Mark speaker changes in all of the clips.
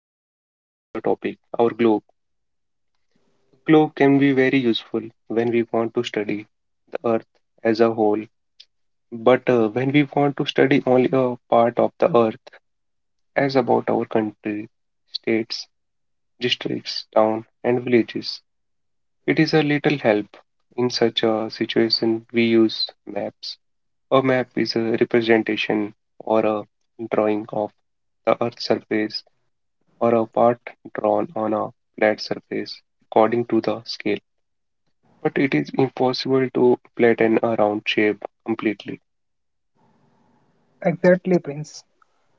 Speaker 1: in, into the topic our globe. The globe can be very useful when we want to study the earth as a whole, but when we want to study only a part of the earth, as about our country, states, districts, town, and villages. It is a little help. In such a situation, we use maps. A map is a representation or a drawing of the Earth's surface or a part drawn on a flat surface according to the scale. But it is impossible to flatten a round shape completely.
Speaker 2: Exactly, Prince.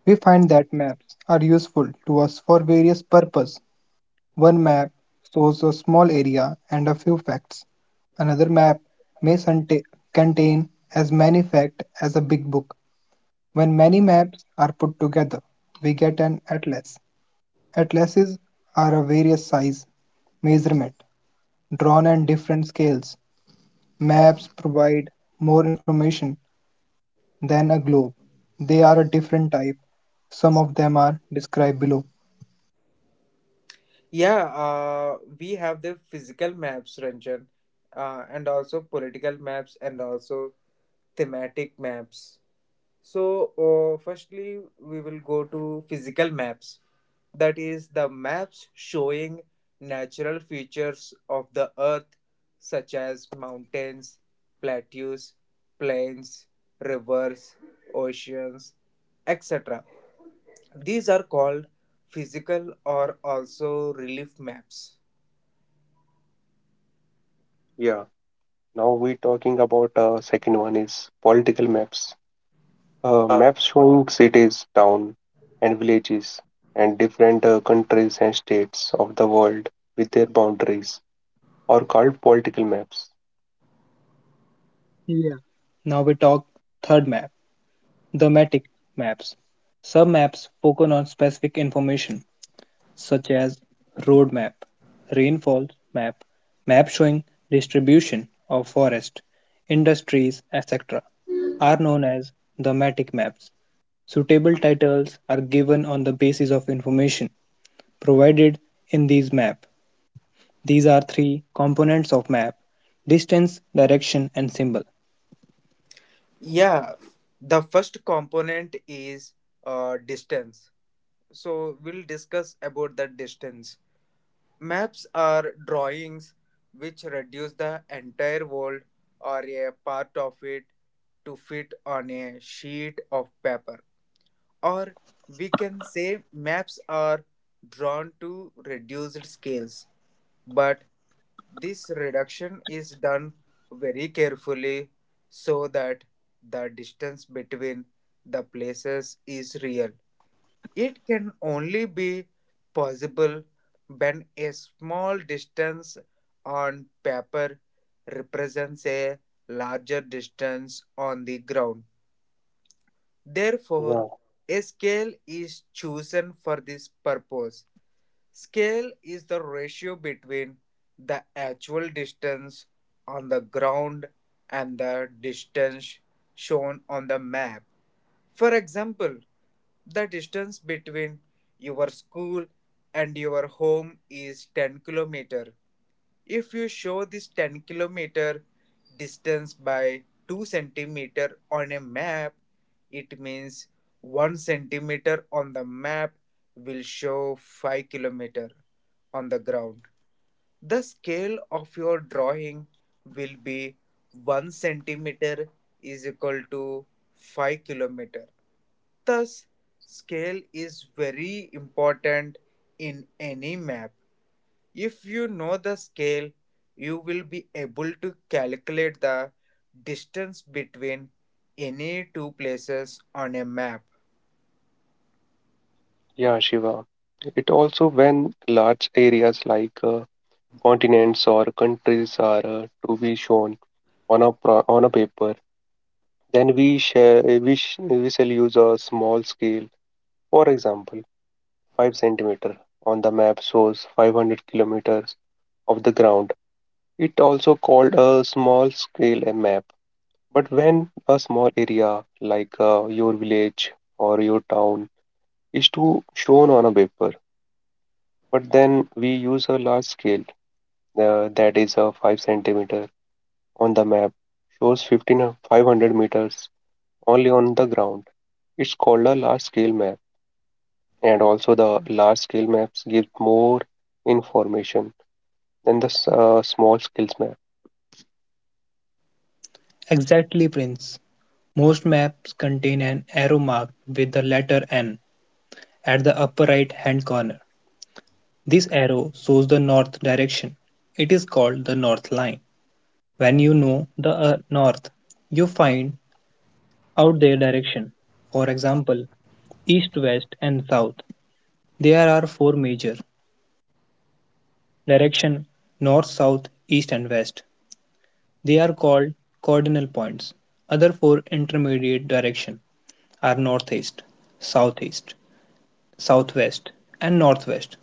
Speaker 2: We find that maps are useful to us for various purposes. One map shows a small area and a few facts. Another map may contain as many facts as a big book. When many maps are put together, we get an atlas. Atlases are of various size, measurement, drawn on different scales. Maps provide more information than a globe. They are a different type. Some of them are described below.
Speaker 3: Yeah, we have the physical maps, Ranjan, and also political maps and also thematic maps. So, firstly, we will go to physical maps. That is the maps showing natural features of the earth, such as mountains, plateaus, plains, rivers, oceans, etc. These are called physical or also relief maps.
Speaker 1: Yeah. Now we're talking about second one is political maps. A
Speaker 3: Um,
Speaker 1: map showing cities, towns, and villages, and different countries and states of the world with their boundaries are called political maps.
Speaker 2: Yeah. Now we talk third map, thematic maps. Some maps focus on specific information, such as road map, rainfall map, map showing distribution of forest, industries, etc. are known as thematic maps. Suitable titles are given on the basis of information provided in these maps. These are three components of map distance, direction, and symbol.
Speaker 3: yeah, the first component is distance. So we'll discuss about the distance. Maps are drawings which reduce the entire world or a part of it to fit on a sheet of paper. Or we can say maps are drawn to reduced scales, but this reduction is done very carefully so that the distance between the places is real. It can only be possible when a small distance on paper represents a larger distance on the ground. Therefore,
Speaker 1: Yeah,
Speaker 3: a scale is chosen for this purpose. Scale is the ratio between the actual distance on the ground and the distance shown on the map. For example, the distance between your school and your home is 10 km. If you show this 10-kilometer distance by 2 centimeter on a map, it means 1 centimeter on the map will show 5 kilometer on the ground. The scale of your drawing will be 1 centimeter is equal to 5 kilometer. Thus, scale is very important in any map. If you know the scale, you will be able to calculate the distance between any two places on a map.
Speaker 1: yeah, Shiva. It also when large areas like continents or countries are to be shown on a on a paper, then we we shall use a small scale. For example, 5 centimeter on the map shows 500 kilometers of the ground. It also called a small scale a map. But when a small area like your village or your town is to shown on a paper, but then we use a large scale that is a 5 centimeter on the map shows 15 500 meters only on the ground. It's called a large scale map, and also the large scale maps give more information than the small scales map.
Speaker 2: Exactly, Prince. Most maps contain an arrow marked with the letter N at the upper right hand corner. This arrow shows the north direction. It is called the north line. When you know the north, you find out their direction. For example, east, west, and south. There are four major direction north, south, east, and west. They are called cardinal points; other four intermediate directions are northeast, southeast, southwest, and northwest.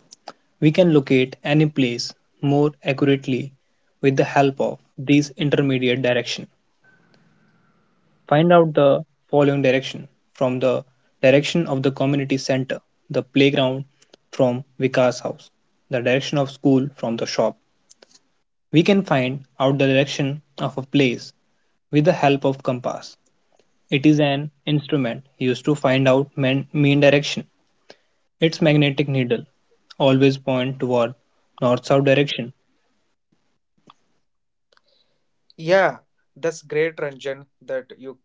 Speaker 2: We can locate any place more accurately with the help of these intermediate directions. Find out the following direction from the direction of the community center, the playground from Vikas house, the direction of school from the shop. We can find out the direction of a place with the help of compass. It is an instrument used to find out mean direction. Its magnetic needle always points toward north-south direction.
Speaker 3: Yeah, that's great, Ranjan, that you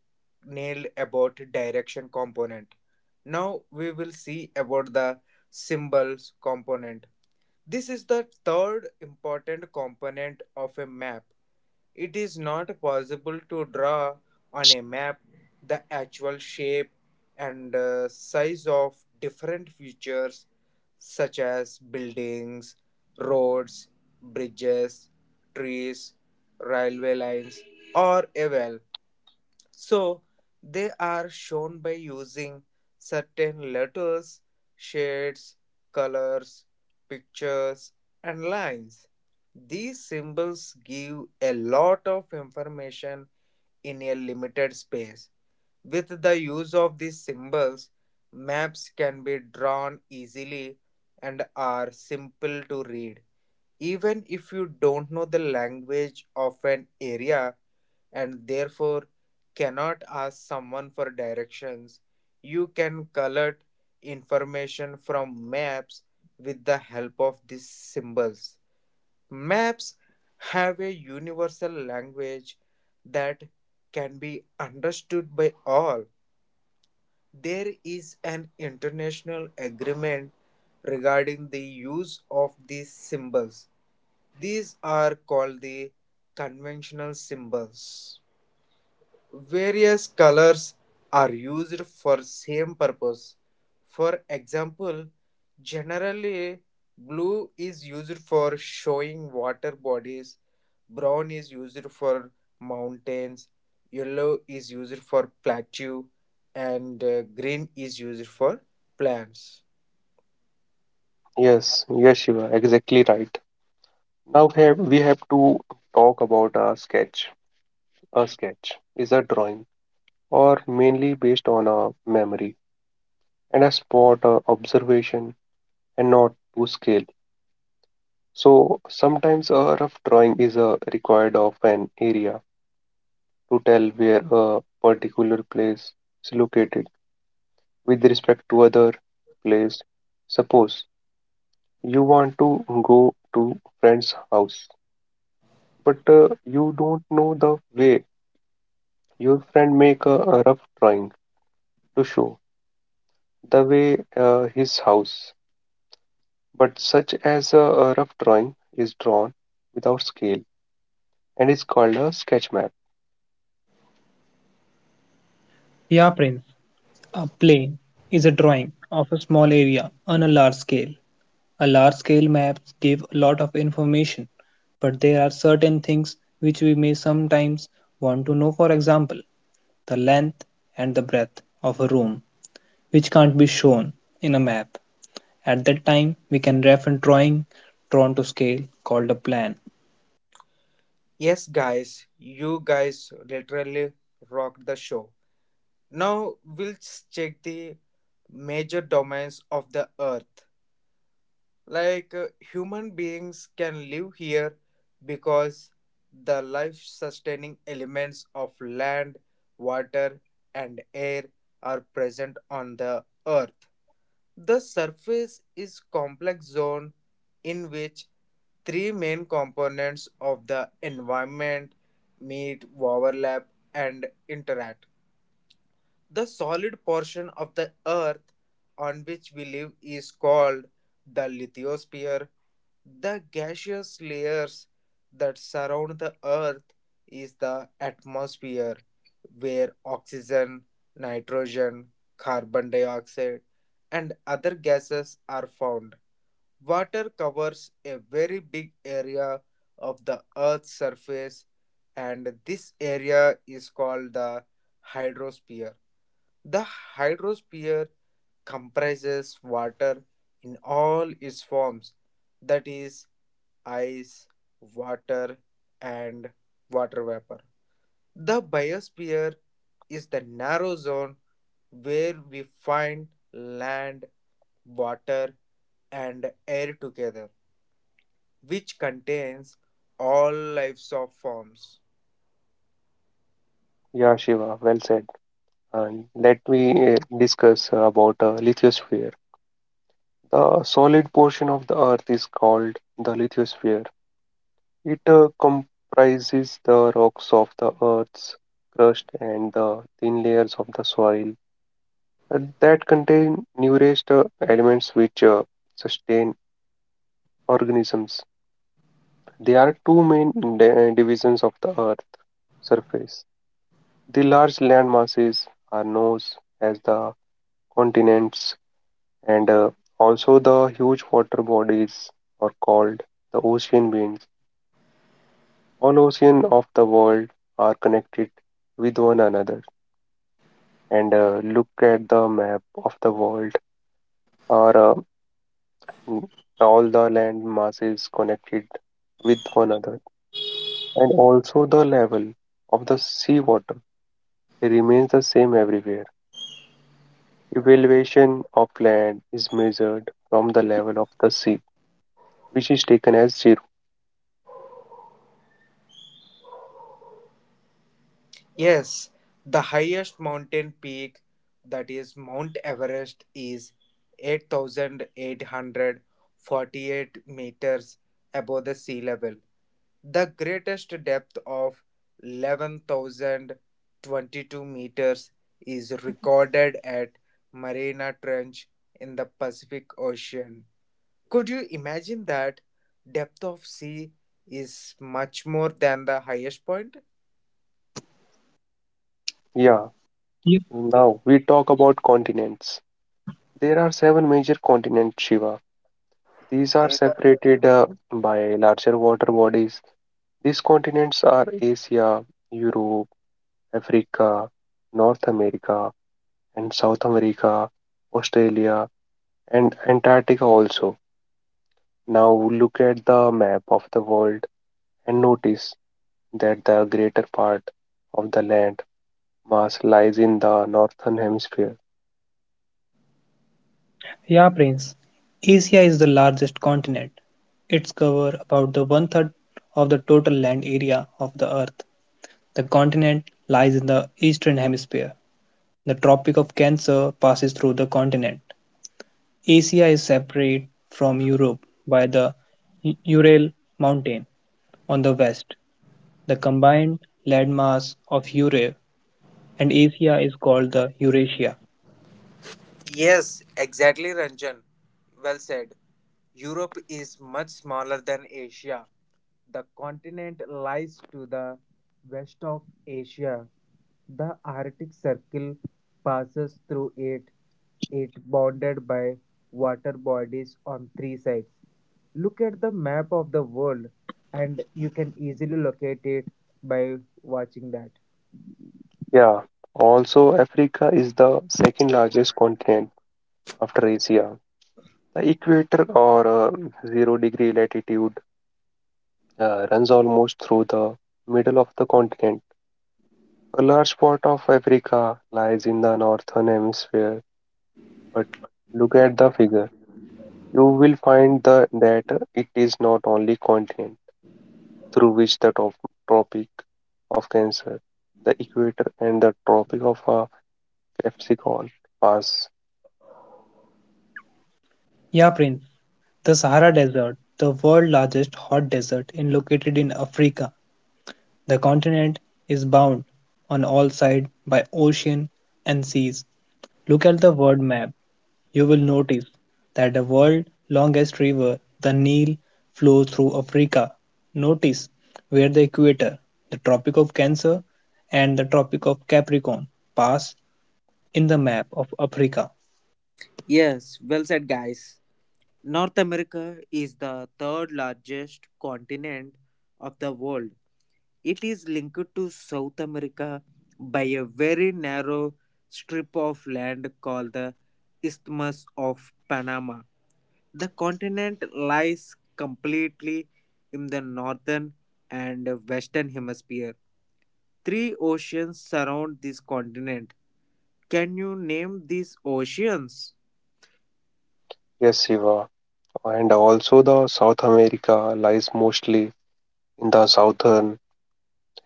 Speaker 3: nailed about direction component. Now we will see about the symbols component. This is the third important component of a map. It is not possible to draw on a map the actual shape and size of different features such as buildings, roads, bridges, trees, railway lines, or a well. So they are shown by using certain letters, shades, colors, pictures, and lines. These symbols give a lot of information in a limited space. With the use of these symbols, maps can be drawn easily and are simple to read. Even if you don't know the language of an area and therefore cannot ask someone for directions, you can collect information from maps with the help of these symbols. Maps have a universal language that can be understood by all. There is an international agreement regarding the use of these symbols; these are called the conventional symbols. Various colors are used for same purpose. For example, generally blue is used for showing water bodies, brown is used for mountains, yellow is used for plateau, and green is used for plants.
Speaker 1: Yes, yes, Shiva, exactly right. Now here we have to talk about a sketch. A sketch is a drawing or mainly based on a memory and a spot observation and not to scale. So sometimes a rough drawing is required of an area to tell where a particular place is located with respect to other place. Suppose you want to go to friend's house, but you don't know the way. Your friend make a rough drawing to show the way his house, but such as a rough drawing is drawn without scale and is called a sketch map.
Speaker 2: Yeah, Prince. A plane is a drawing of a small area on a large scale. A large scale maps give a lot of information, but there are certain things which we may sometimes want to know, for example, the length and the breadth of a room, which can't be shown in a map. At that time, we can ref and drawing drawn to scale called a plan.
Speaker 3: Yes, guys, you guys literally rocked the show. Now we'll check the major domains of the earth. Like human beings can live here because the life sustaining elements of land, water, and air are present on the earth. The surface is complex zone in which three main components of the environment meet, overlap, and interact. The solid portion of the earth on which we live is called the lithosphere. The gaseous layers that surround the Earth is the atmosphere, where oxygen, nitrogen, carbon dioxide, and other gases are found. Water covers a very big area of the Earth's surface, and this area is called the hydrosphere. The hydrosphere comprises water in all its forms, that is, ice, water, and water vapor. The biosphere is the narrow zone where we find land, water, and air together, which contains all lives of forms.
Speaker 1: Yeah, Shiva, well said. And let me discuss about lithosphere. The solid portion of the Earth is called the lithosphere. It comprises the rocks of the Earth's crust and the thin layers of the soil that contain numerous elements which sustain organisms. There are two main divisions of the Earth's surface. The large land masses are known as the continents, and also the huge water bodies are called the ocean beings. All oceans of the world are connected with one another. And look at the map of the world, are uh, mm, all the land masses connected with one another, and also the level of the sea water remains the same everywhere. Evaluation of land is measured from the level of the sea, which is taken as zero.
Speaker 3: Yes, the highest mountain peak, that is Mount Everest, is 8,848 meters above the sea level. The greatest depth of 11,022 meters is recorded at Mariana Trench in the Pacific Ocean. Could you imagine that depth of sea is much more than the highest point?
Speaker 1: Yeah,
Speaker 2: Ye-
Speaker 1: now we talk about continents. There are seven major continents, Shiva. These are separated by larger water bodies. These continents are Asia, Europe, Africa, North America, and South America, Australia, and Antarctica also. Now look at the map of the world and notice that the greater part of the land mass lies in the northern hemisphere.
Speaker 2: Yeah, Prince. Asia is the largest continent. Its cover about the one third of the total land area of the Earth. The continent lies in the eastern hemisphere. The Tropic of Cancer passes through the continent. Asia is separate from Europe by the Ural Mountain on the west. The combined landmass of Europe and Asia is called the Eurasia.
Speaker 3: Yes, exactly, Ranjan. Well said. Europe is much smaller than Asia. The continent lies to the west of Asia. The Arctic Circle passes through it. It bounded by water bodies on three sides. Look at the map of the world, and you can easily locate it by watching that.
Speaker 1: Yeah, also Africa is the second largest continent after Asia. The equator, or 0 degree latitude, runs almost through the middle of the continent. A large part of Africa lies in the northern hemisphere, but look at the figure. You will find the, that it is not only continent through which the top, Tropic of Cancer, the equator and the Tropic of Capricorn pass.
Speaker 2: Yeah, Prince. The Sahara Desert, the world's largest hot desert and located in Africa, the continent is bound on all sides by ocean and seas. Look at the world map. You will notice that the world's longest river, the Nile, flows through Africa. Notice where the equator, the Tropic of Cancer, and the Tropic of Capricorn pass in the map of Africa.
Speaker 3: Yes, well said, guys. North America is the third largest continent of the world. It is linked to South America by a very narrow strip of land called the Isthmus of Panama. The continent lies completely in the northern and western hemisphere. Three oceans surround this continent. Can you name these oceans?
Speaker 1: Yes, Shiva. And also the South America lies mostly in the southern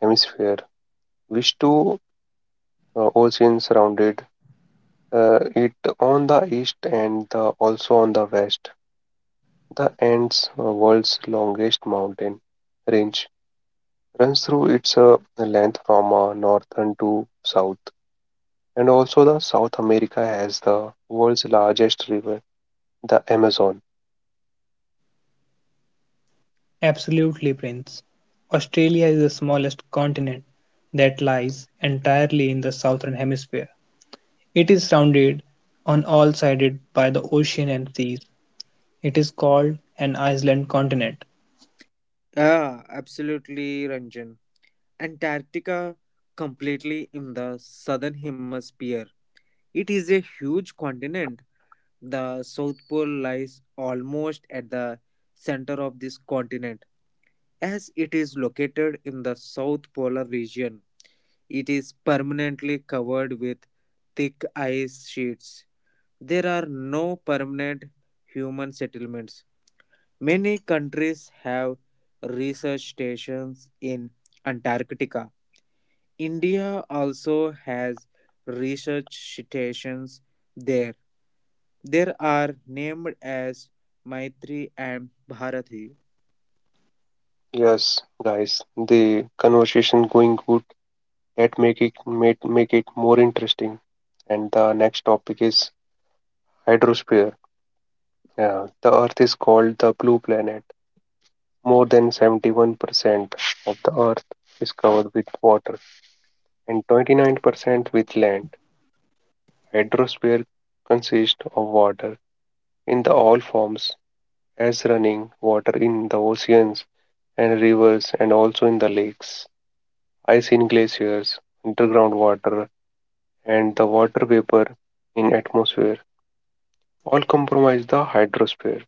Speaker 1: hemisphere, which two oceans surrounded it on the east and the, also on the west. The Andes, world's longest mountain range, runs through its length from northern to south. And also the South America has the world's largest river, the Amazon.
Speaker 2: Absolutely, Prince. Australia is the smallest continent that lies entirely in the southern hemisphere. It is surrounded on all sides by the ocean and seas. It is called an island continent.
Speaker 3: Yeah, absolutely, Ranjan. Antarctica, completely in the southern hemisphere. It is a huge continent. The South Pole lies almost at the center of this continent, as it is located in the South Polar region. It is permanently covered with thick ice sheets. There are no permanent human settlements. Many countries have research stations in Antarctica. India also has research stations there. There are named as Maitri and Bharati.
Speaker 1: Yes, guys, the conversation going good. Let make it make it more interesting. And the next topic is hydrosphere. Yeah, the Earth is called the blue planet. More than 71% of the Earth is covered with water and 29% with land. Hydrosphere consists of water in the all forms as running water in the oceans and rivers and also in the lakes. I seen glaciers, underground water, and the water vapor in atmosphere all compromise the hydrosphere.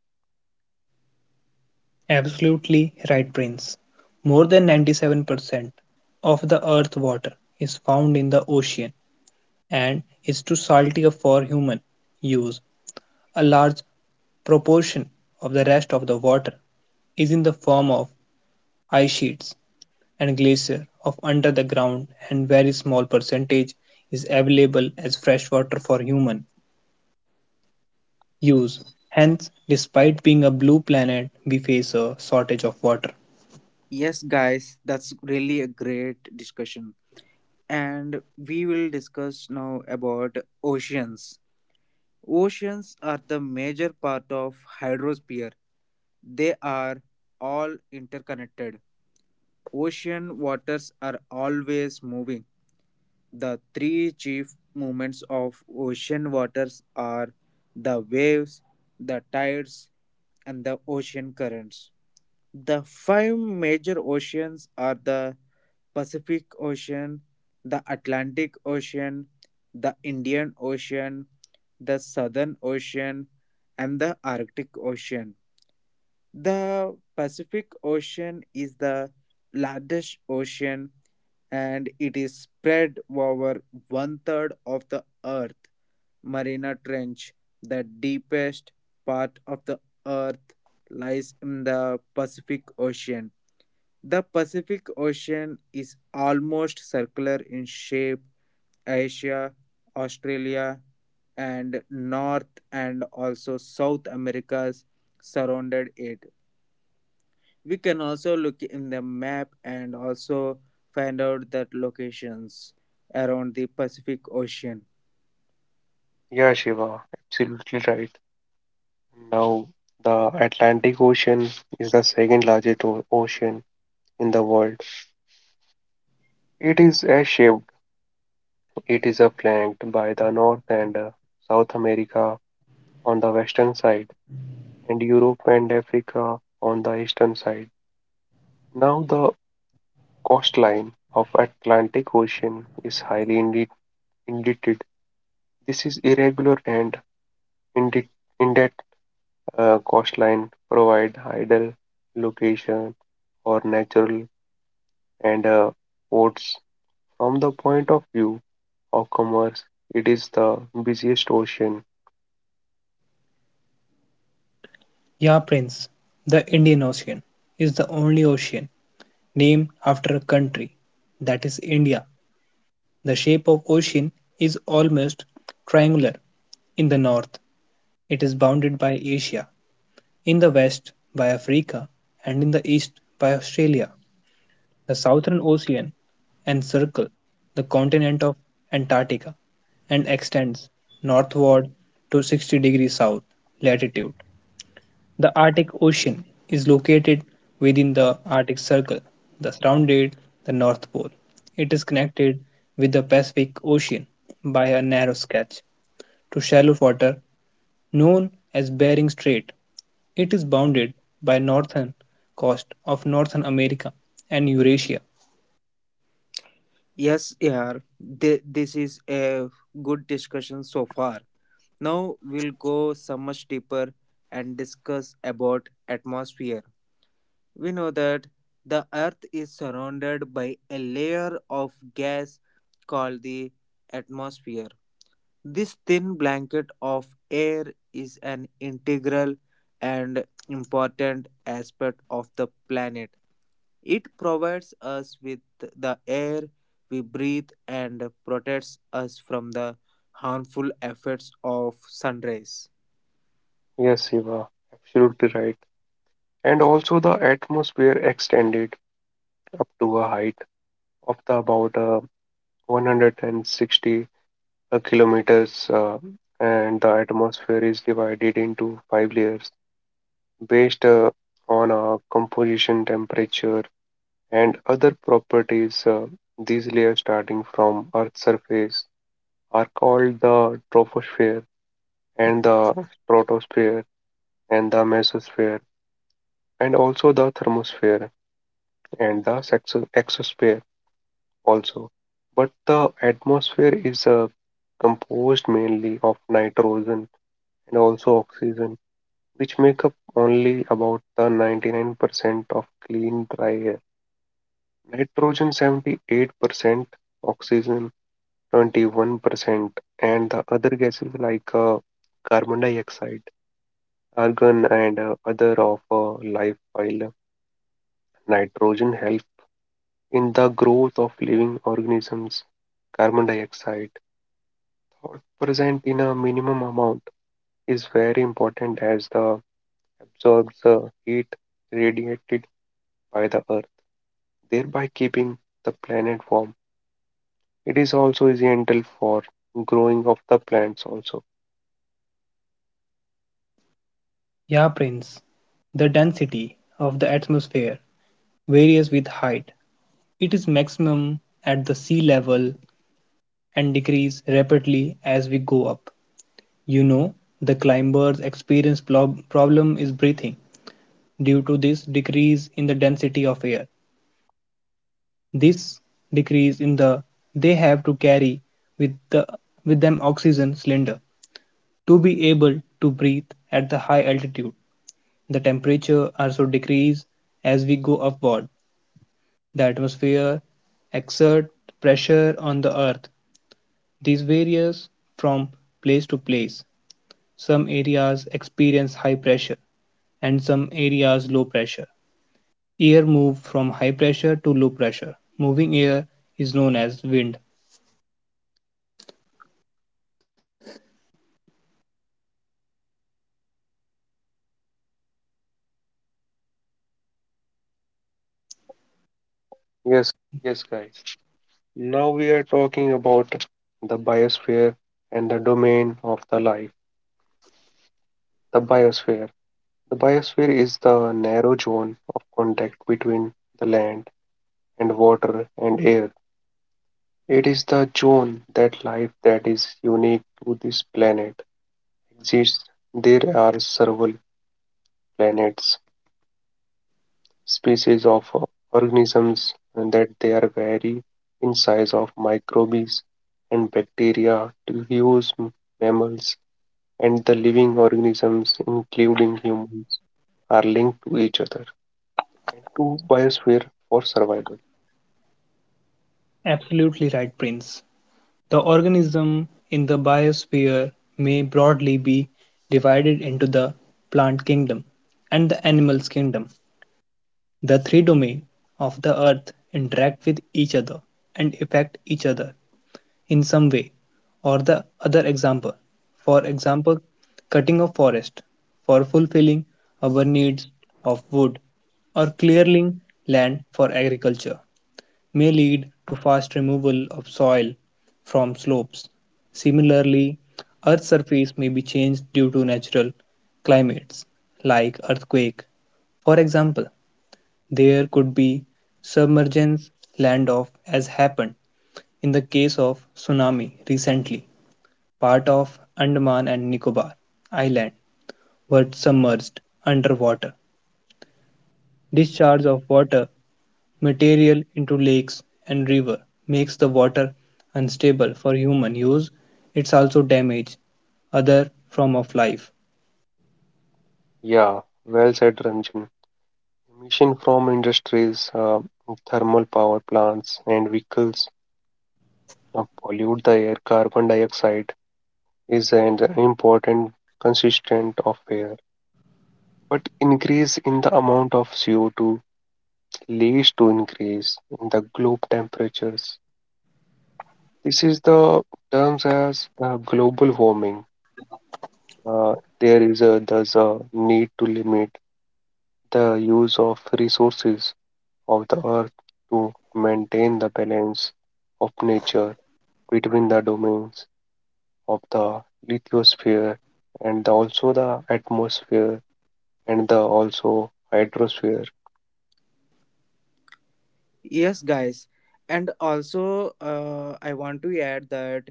Speaker 2: Absolutely right, Prince. More than 97% of the earth's water is found in the ocean and is too salty for human use. A large proportion of the rest of the water is in the form of ice sheets and glacier of under the ground and very small percentage is available as fresh water for human use. Hence, despite being a blue planet, we face a shortage of water.
Speaker 3: Yes, guys, that's really a great discussion. And we will discuss now about oceans. Oceans are the major part of hydrosphere. They are all interconnected. Ocean waters are always moving. The three chief movements of ocean waters are the waves, the tides, and the ocean currents. The five major oceans are the Pacific Ocean, the Atlantic Ocean, the Indian Ocean, the Southern Ocean, and the Arctic Ocean. The Pacific Ocean is the largest ocean and it is spread over one third of the Earth. Marina Trench, the deepest part of the Earth, lies in the Pacific Ocean. The Pacific Ocean is almost circular in shape. Asia, Australia, and North and also South Americas surrounded it. We can also look in the map and also find out that locations around the Pacific Ocean.
Speaker 1: Yeah, Shiva, absolutely right. Now the Atlantic Ocean is the second largest ocean in the world. It is a shaped. It is flanked by the North and South America on the western side, and Europe and Africa on the eastern side. Now the Coastline of Atlantic Ocean is highly indented; this is irregular and indented coastline provide ideal location for natural and ports. From the point of view of commerce, it is the busiest ocean.
Speaker 2: Yeah, Prince, the Indian Ocean is the only ocean named after a country, that is India. The shape of ocean is almost triangular. In the north, it is bounded by Asia, in the west by Africa, and in the east by Australia. The Southern Ocean encircles the continent of Antarctica and extends northward to 60 degrees south latitude. The Arctic Ocean is located within the Arctic Circle that surrounded the North Pole. It is connected with the Pacific Ocean by a narrow stretch to shallow water known as Bering Strait. It is bounded by northern coast of North America and Eurasia.
Speaker 3: Yes, yeah, this is a good discussion so far. Now we'll go so much deeper and discuss about atmosphere. We know that the earth is surrounded by a layer of gas called the atmosphere. This thin blanket of air is an integral and important aspect of the planet. It provides us with the air we breathe and protects us from the harmful effects of sun rays.
Speaker 1: Yes, Shiva, absolutely right. And also the atmosphere extended up to a height of the about 160 kilometers, and the atmosphere is divided into five layers based on composition, temperature, and other properties. These layers, starting from Earth's surface, are called the troposphere and the stratosphere and the mesosphere, and also the thermosphere and the exosphere also. But the atmosphere is composed mainly of nitrogen and also oxygen, which make up only about the 99% of clean dry air. Nitrogen 78%, oxygen 21%, and the other gases like carbon dioxide, argon, and other of life. While nitrogen helps in the growth of living organisms, carbon dioxide thought present in a minimum amount is very important as the absorbs the heat radiated by the earth, thereby keeping the planet warm. It is also essential for growing of the plants also.
Speaker 2: Yeah, Prince. The density of the atmosphere varies with height. It is maximum at the sea level and decreases rapidly as we go up. You know, the climbers experience problem is breathing due to this decrease in the density of air. This decrease in the they have to carry with the with them oxygen cylinder to be able to breathe at the high altitude. The temperature also decreases as we go upward the atmosphere, exert pressure on the Earth. These varies from place to place. Some areas experience high pressure and some areas low pressure. Air moves from high pressure to low pressure. Moving air is known as wind.
Speaker 1: Yes, yes guys. Now we are talking about the biosphere and the domain of the life. The biosphere. The biosphere is the narrow zone of contact between the land and water and air. It is the zone that life that is unique to this planet exists. There are several planets Species of organisms, and that they are vary in size of microbes and bacteria to huge mammals, and the living organisms including humans are linked to each other and to biosphere for survival.
Speaker 2: Absolutely right, Prince. The organism in the biosphere may broadly be divided into the plant kingdom and the animals kingdom. The three domains of the Earth interact with each other and affect each other in some way or the for example cutting of forest for fulfilling our needs of wood or clearing land for agriculture may lead to fast removal of soil from slopes. Similarly, Earth's surface may be changed due to natural climates like earthquake. For example, there could be submergence land-off as happened in the case of tsunami recently, part of Andaman and Nicobar Island were submerged underwater. Discharge of water material into lakes and river makes the water unstable for human use. It's also damage other form of life.
Speaker 1: Yeah, well said, Ranjan. Emission from industries, thermal power plants, and vehicles pollute the air. Carbon dioxide is an important consistent of air. But increase in the amount of CO2 leads to increase in the globe temperatures. This is the terms as global warming. Uh, there is a need to limit the use of resources of the earth to maintain the balance of nature between the domains of the lithosphere and the- also the atmosphere and the also hydrosphere.
Speaker 3: Yes, guys. And also, I want to add that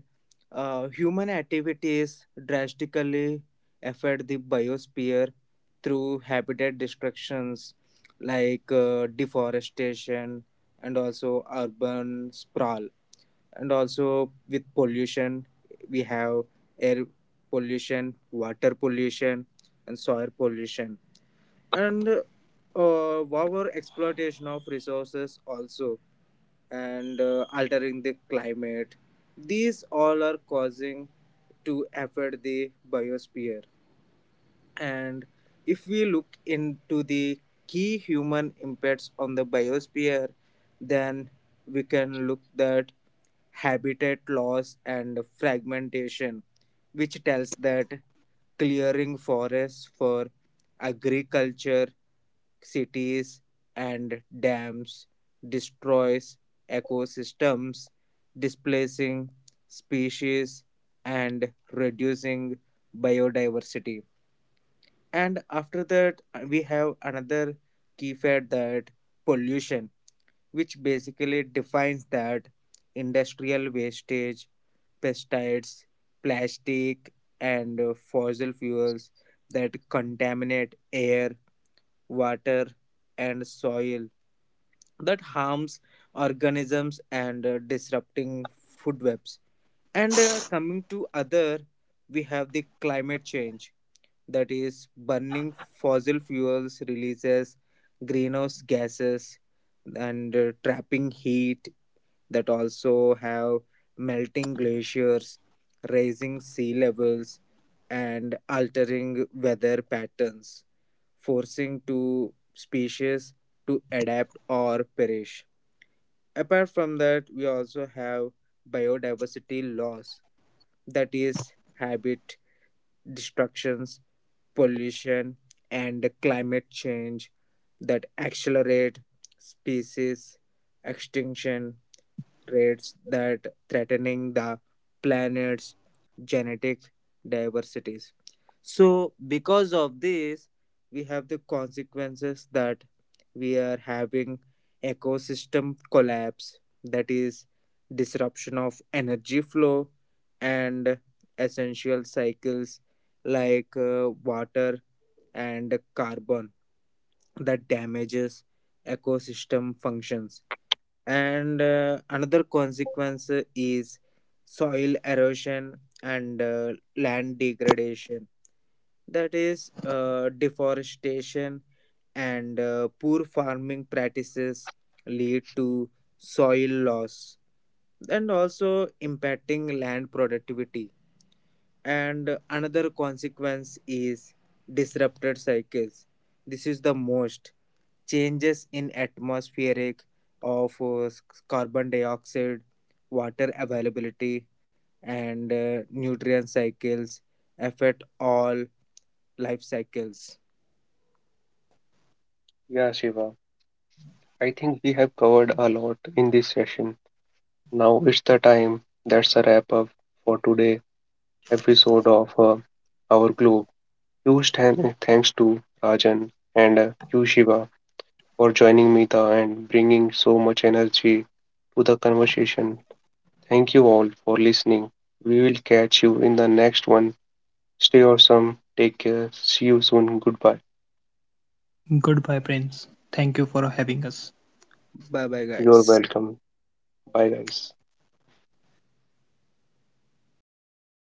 Speaker 3: human activities drastically affect the biosphere through habitat destructions like deforestation and also urban sprawl. And also, with pollution, we have air pollution, water pollution, and soil pollution. And our exploitation of resources also, and altering the climate. These all are causing to affect the biosphere. And if we look into the key human impacts on the biosphere, then we can look that habitat loss and fragmentation, which tells that clearing forests for agriculture, cities, and dams destroys ecosystems, displacing species and reducing biodiversity. And after that, we have another key fact that pollution, which basically defines that industrial wastage, pesticides, plastic, and fossil fuels that contaminate air, water, and soil, that harms organisms and disrupting food webs. And coming to other, we have the climate change, that is, burning fossil fuels releases greenhouse gases and trapping heat, that also have melting glaciers, rising sea levels, and altering weather patterns, forcing to species to adapt or perish. Apart from that, we also have biodiversity loss, that is, habit destructions, pollution, and climate change that accelerate species extinction threats, that threatening the planet's genetic diversities. So because of this, we have the consequences that we are having ecosystem collapse, that is, disruption of energy flow and essential cycles like water and carbon that damages ecosystem functions. And another consequence is soil erosion and land degradation, that is, deforestation and poor farming practices lead to soil loss and also impacting land productivity. And another consequence is disrupted cycles. This is the most changes in atmospheric of carbon dioxide, water availability, and nutrient cycles affect all life cycles.
Speaker 1: Yeah, Shiva. I think we have covered a lot in this session. Now it's the time. That's a wrap up for today episode of our globe. Huge thanks to Rajan and you Shiva for joining Mita and bringing so much energy to the conversation. Thank you all for listening. We will catch you in the next one. Stay awesome. Take care. See you soon. Goodbye.
Speaker 2: Goodbye friends. Thank you for having us.
Speaker 3: Bye bye,
Speaker 1: You're
Speaker 3: guys.
Speaker 1: welcome. Bye, guys.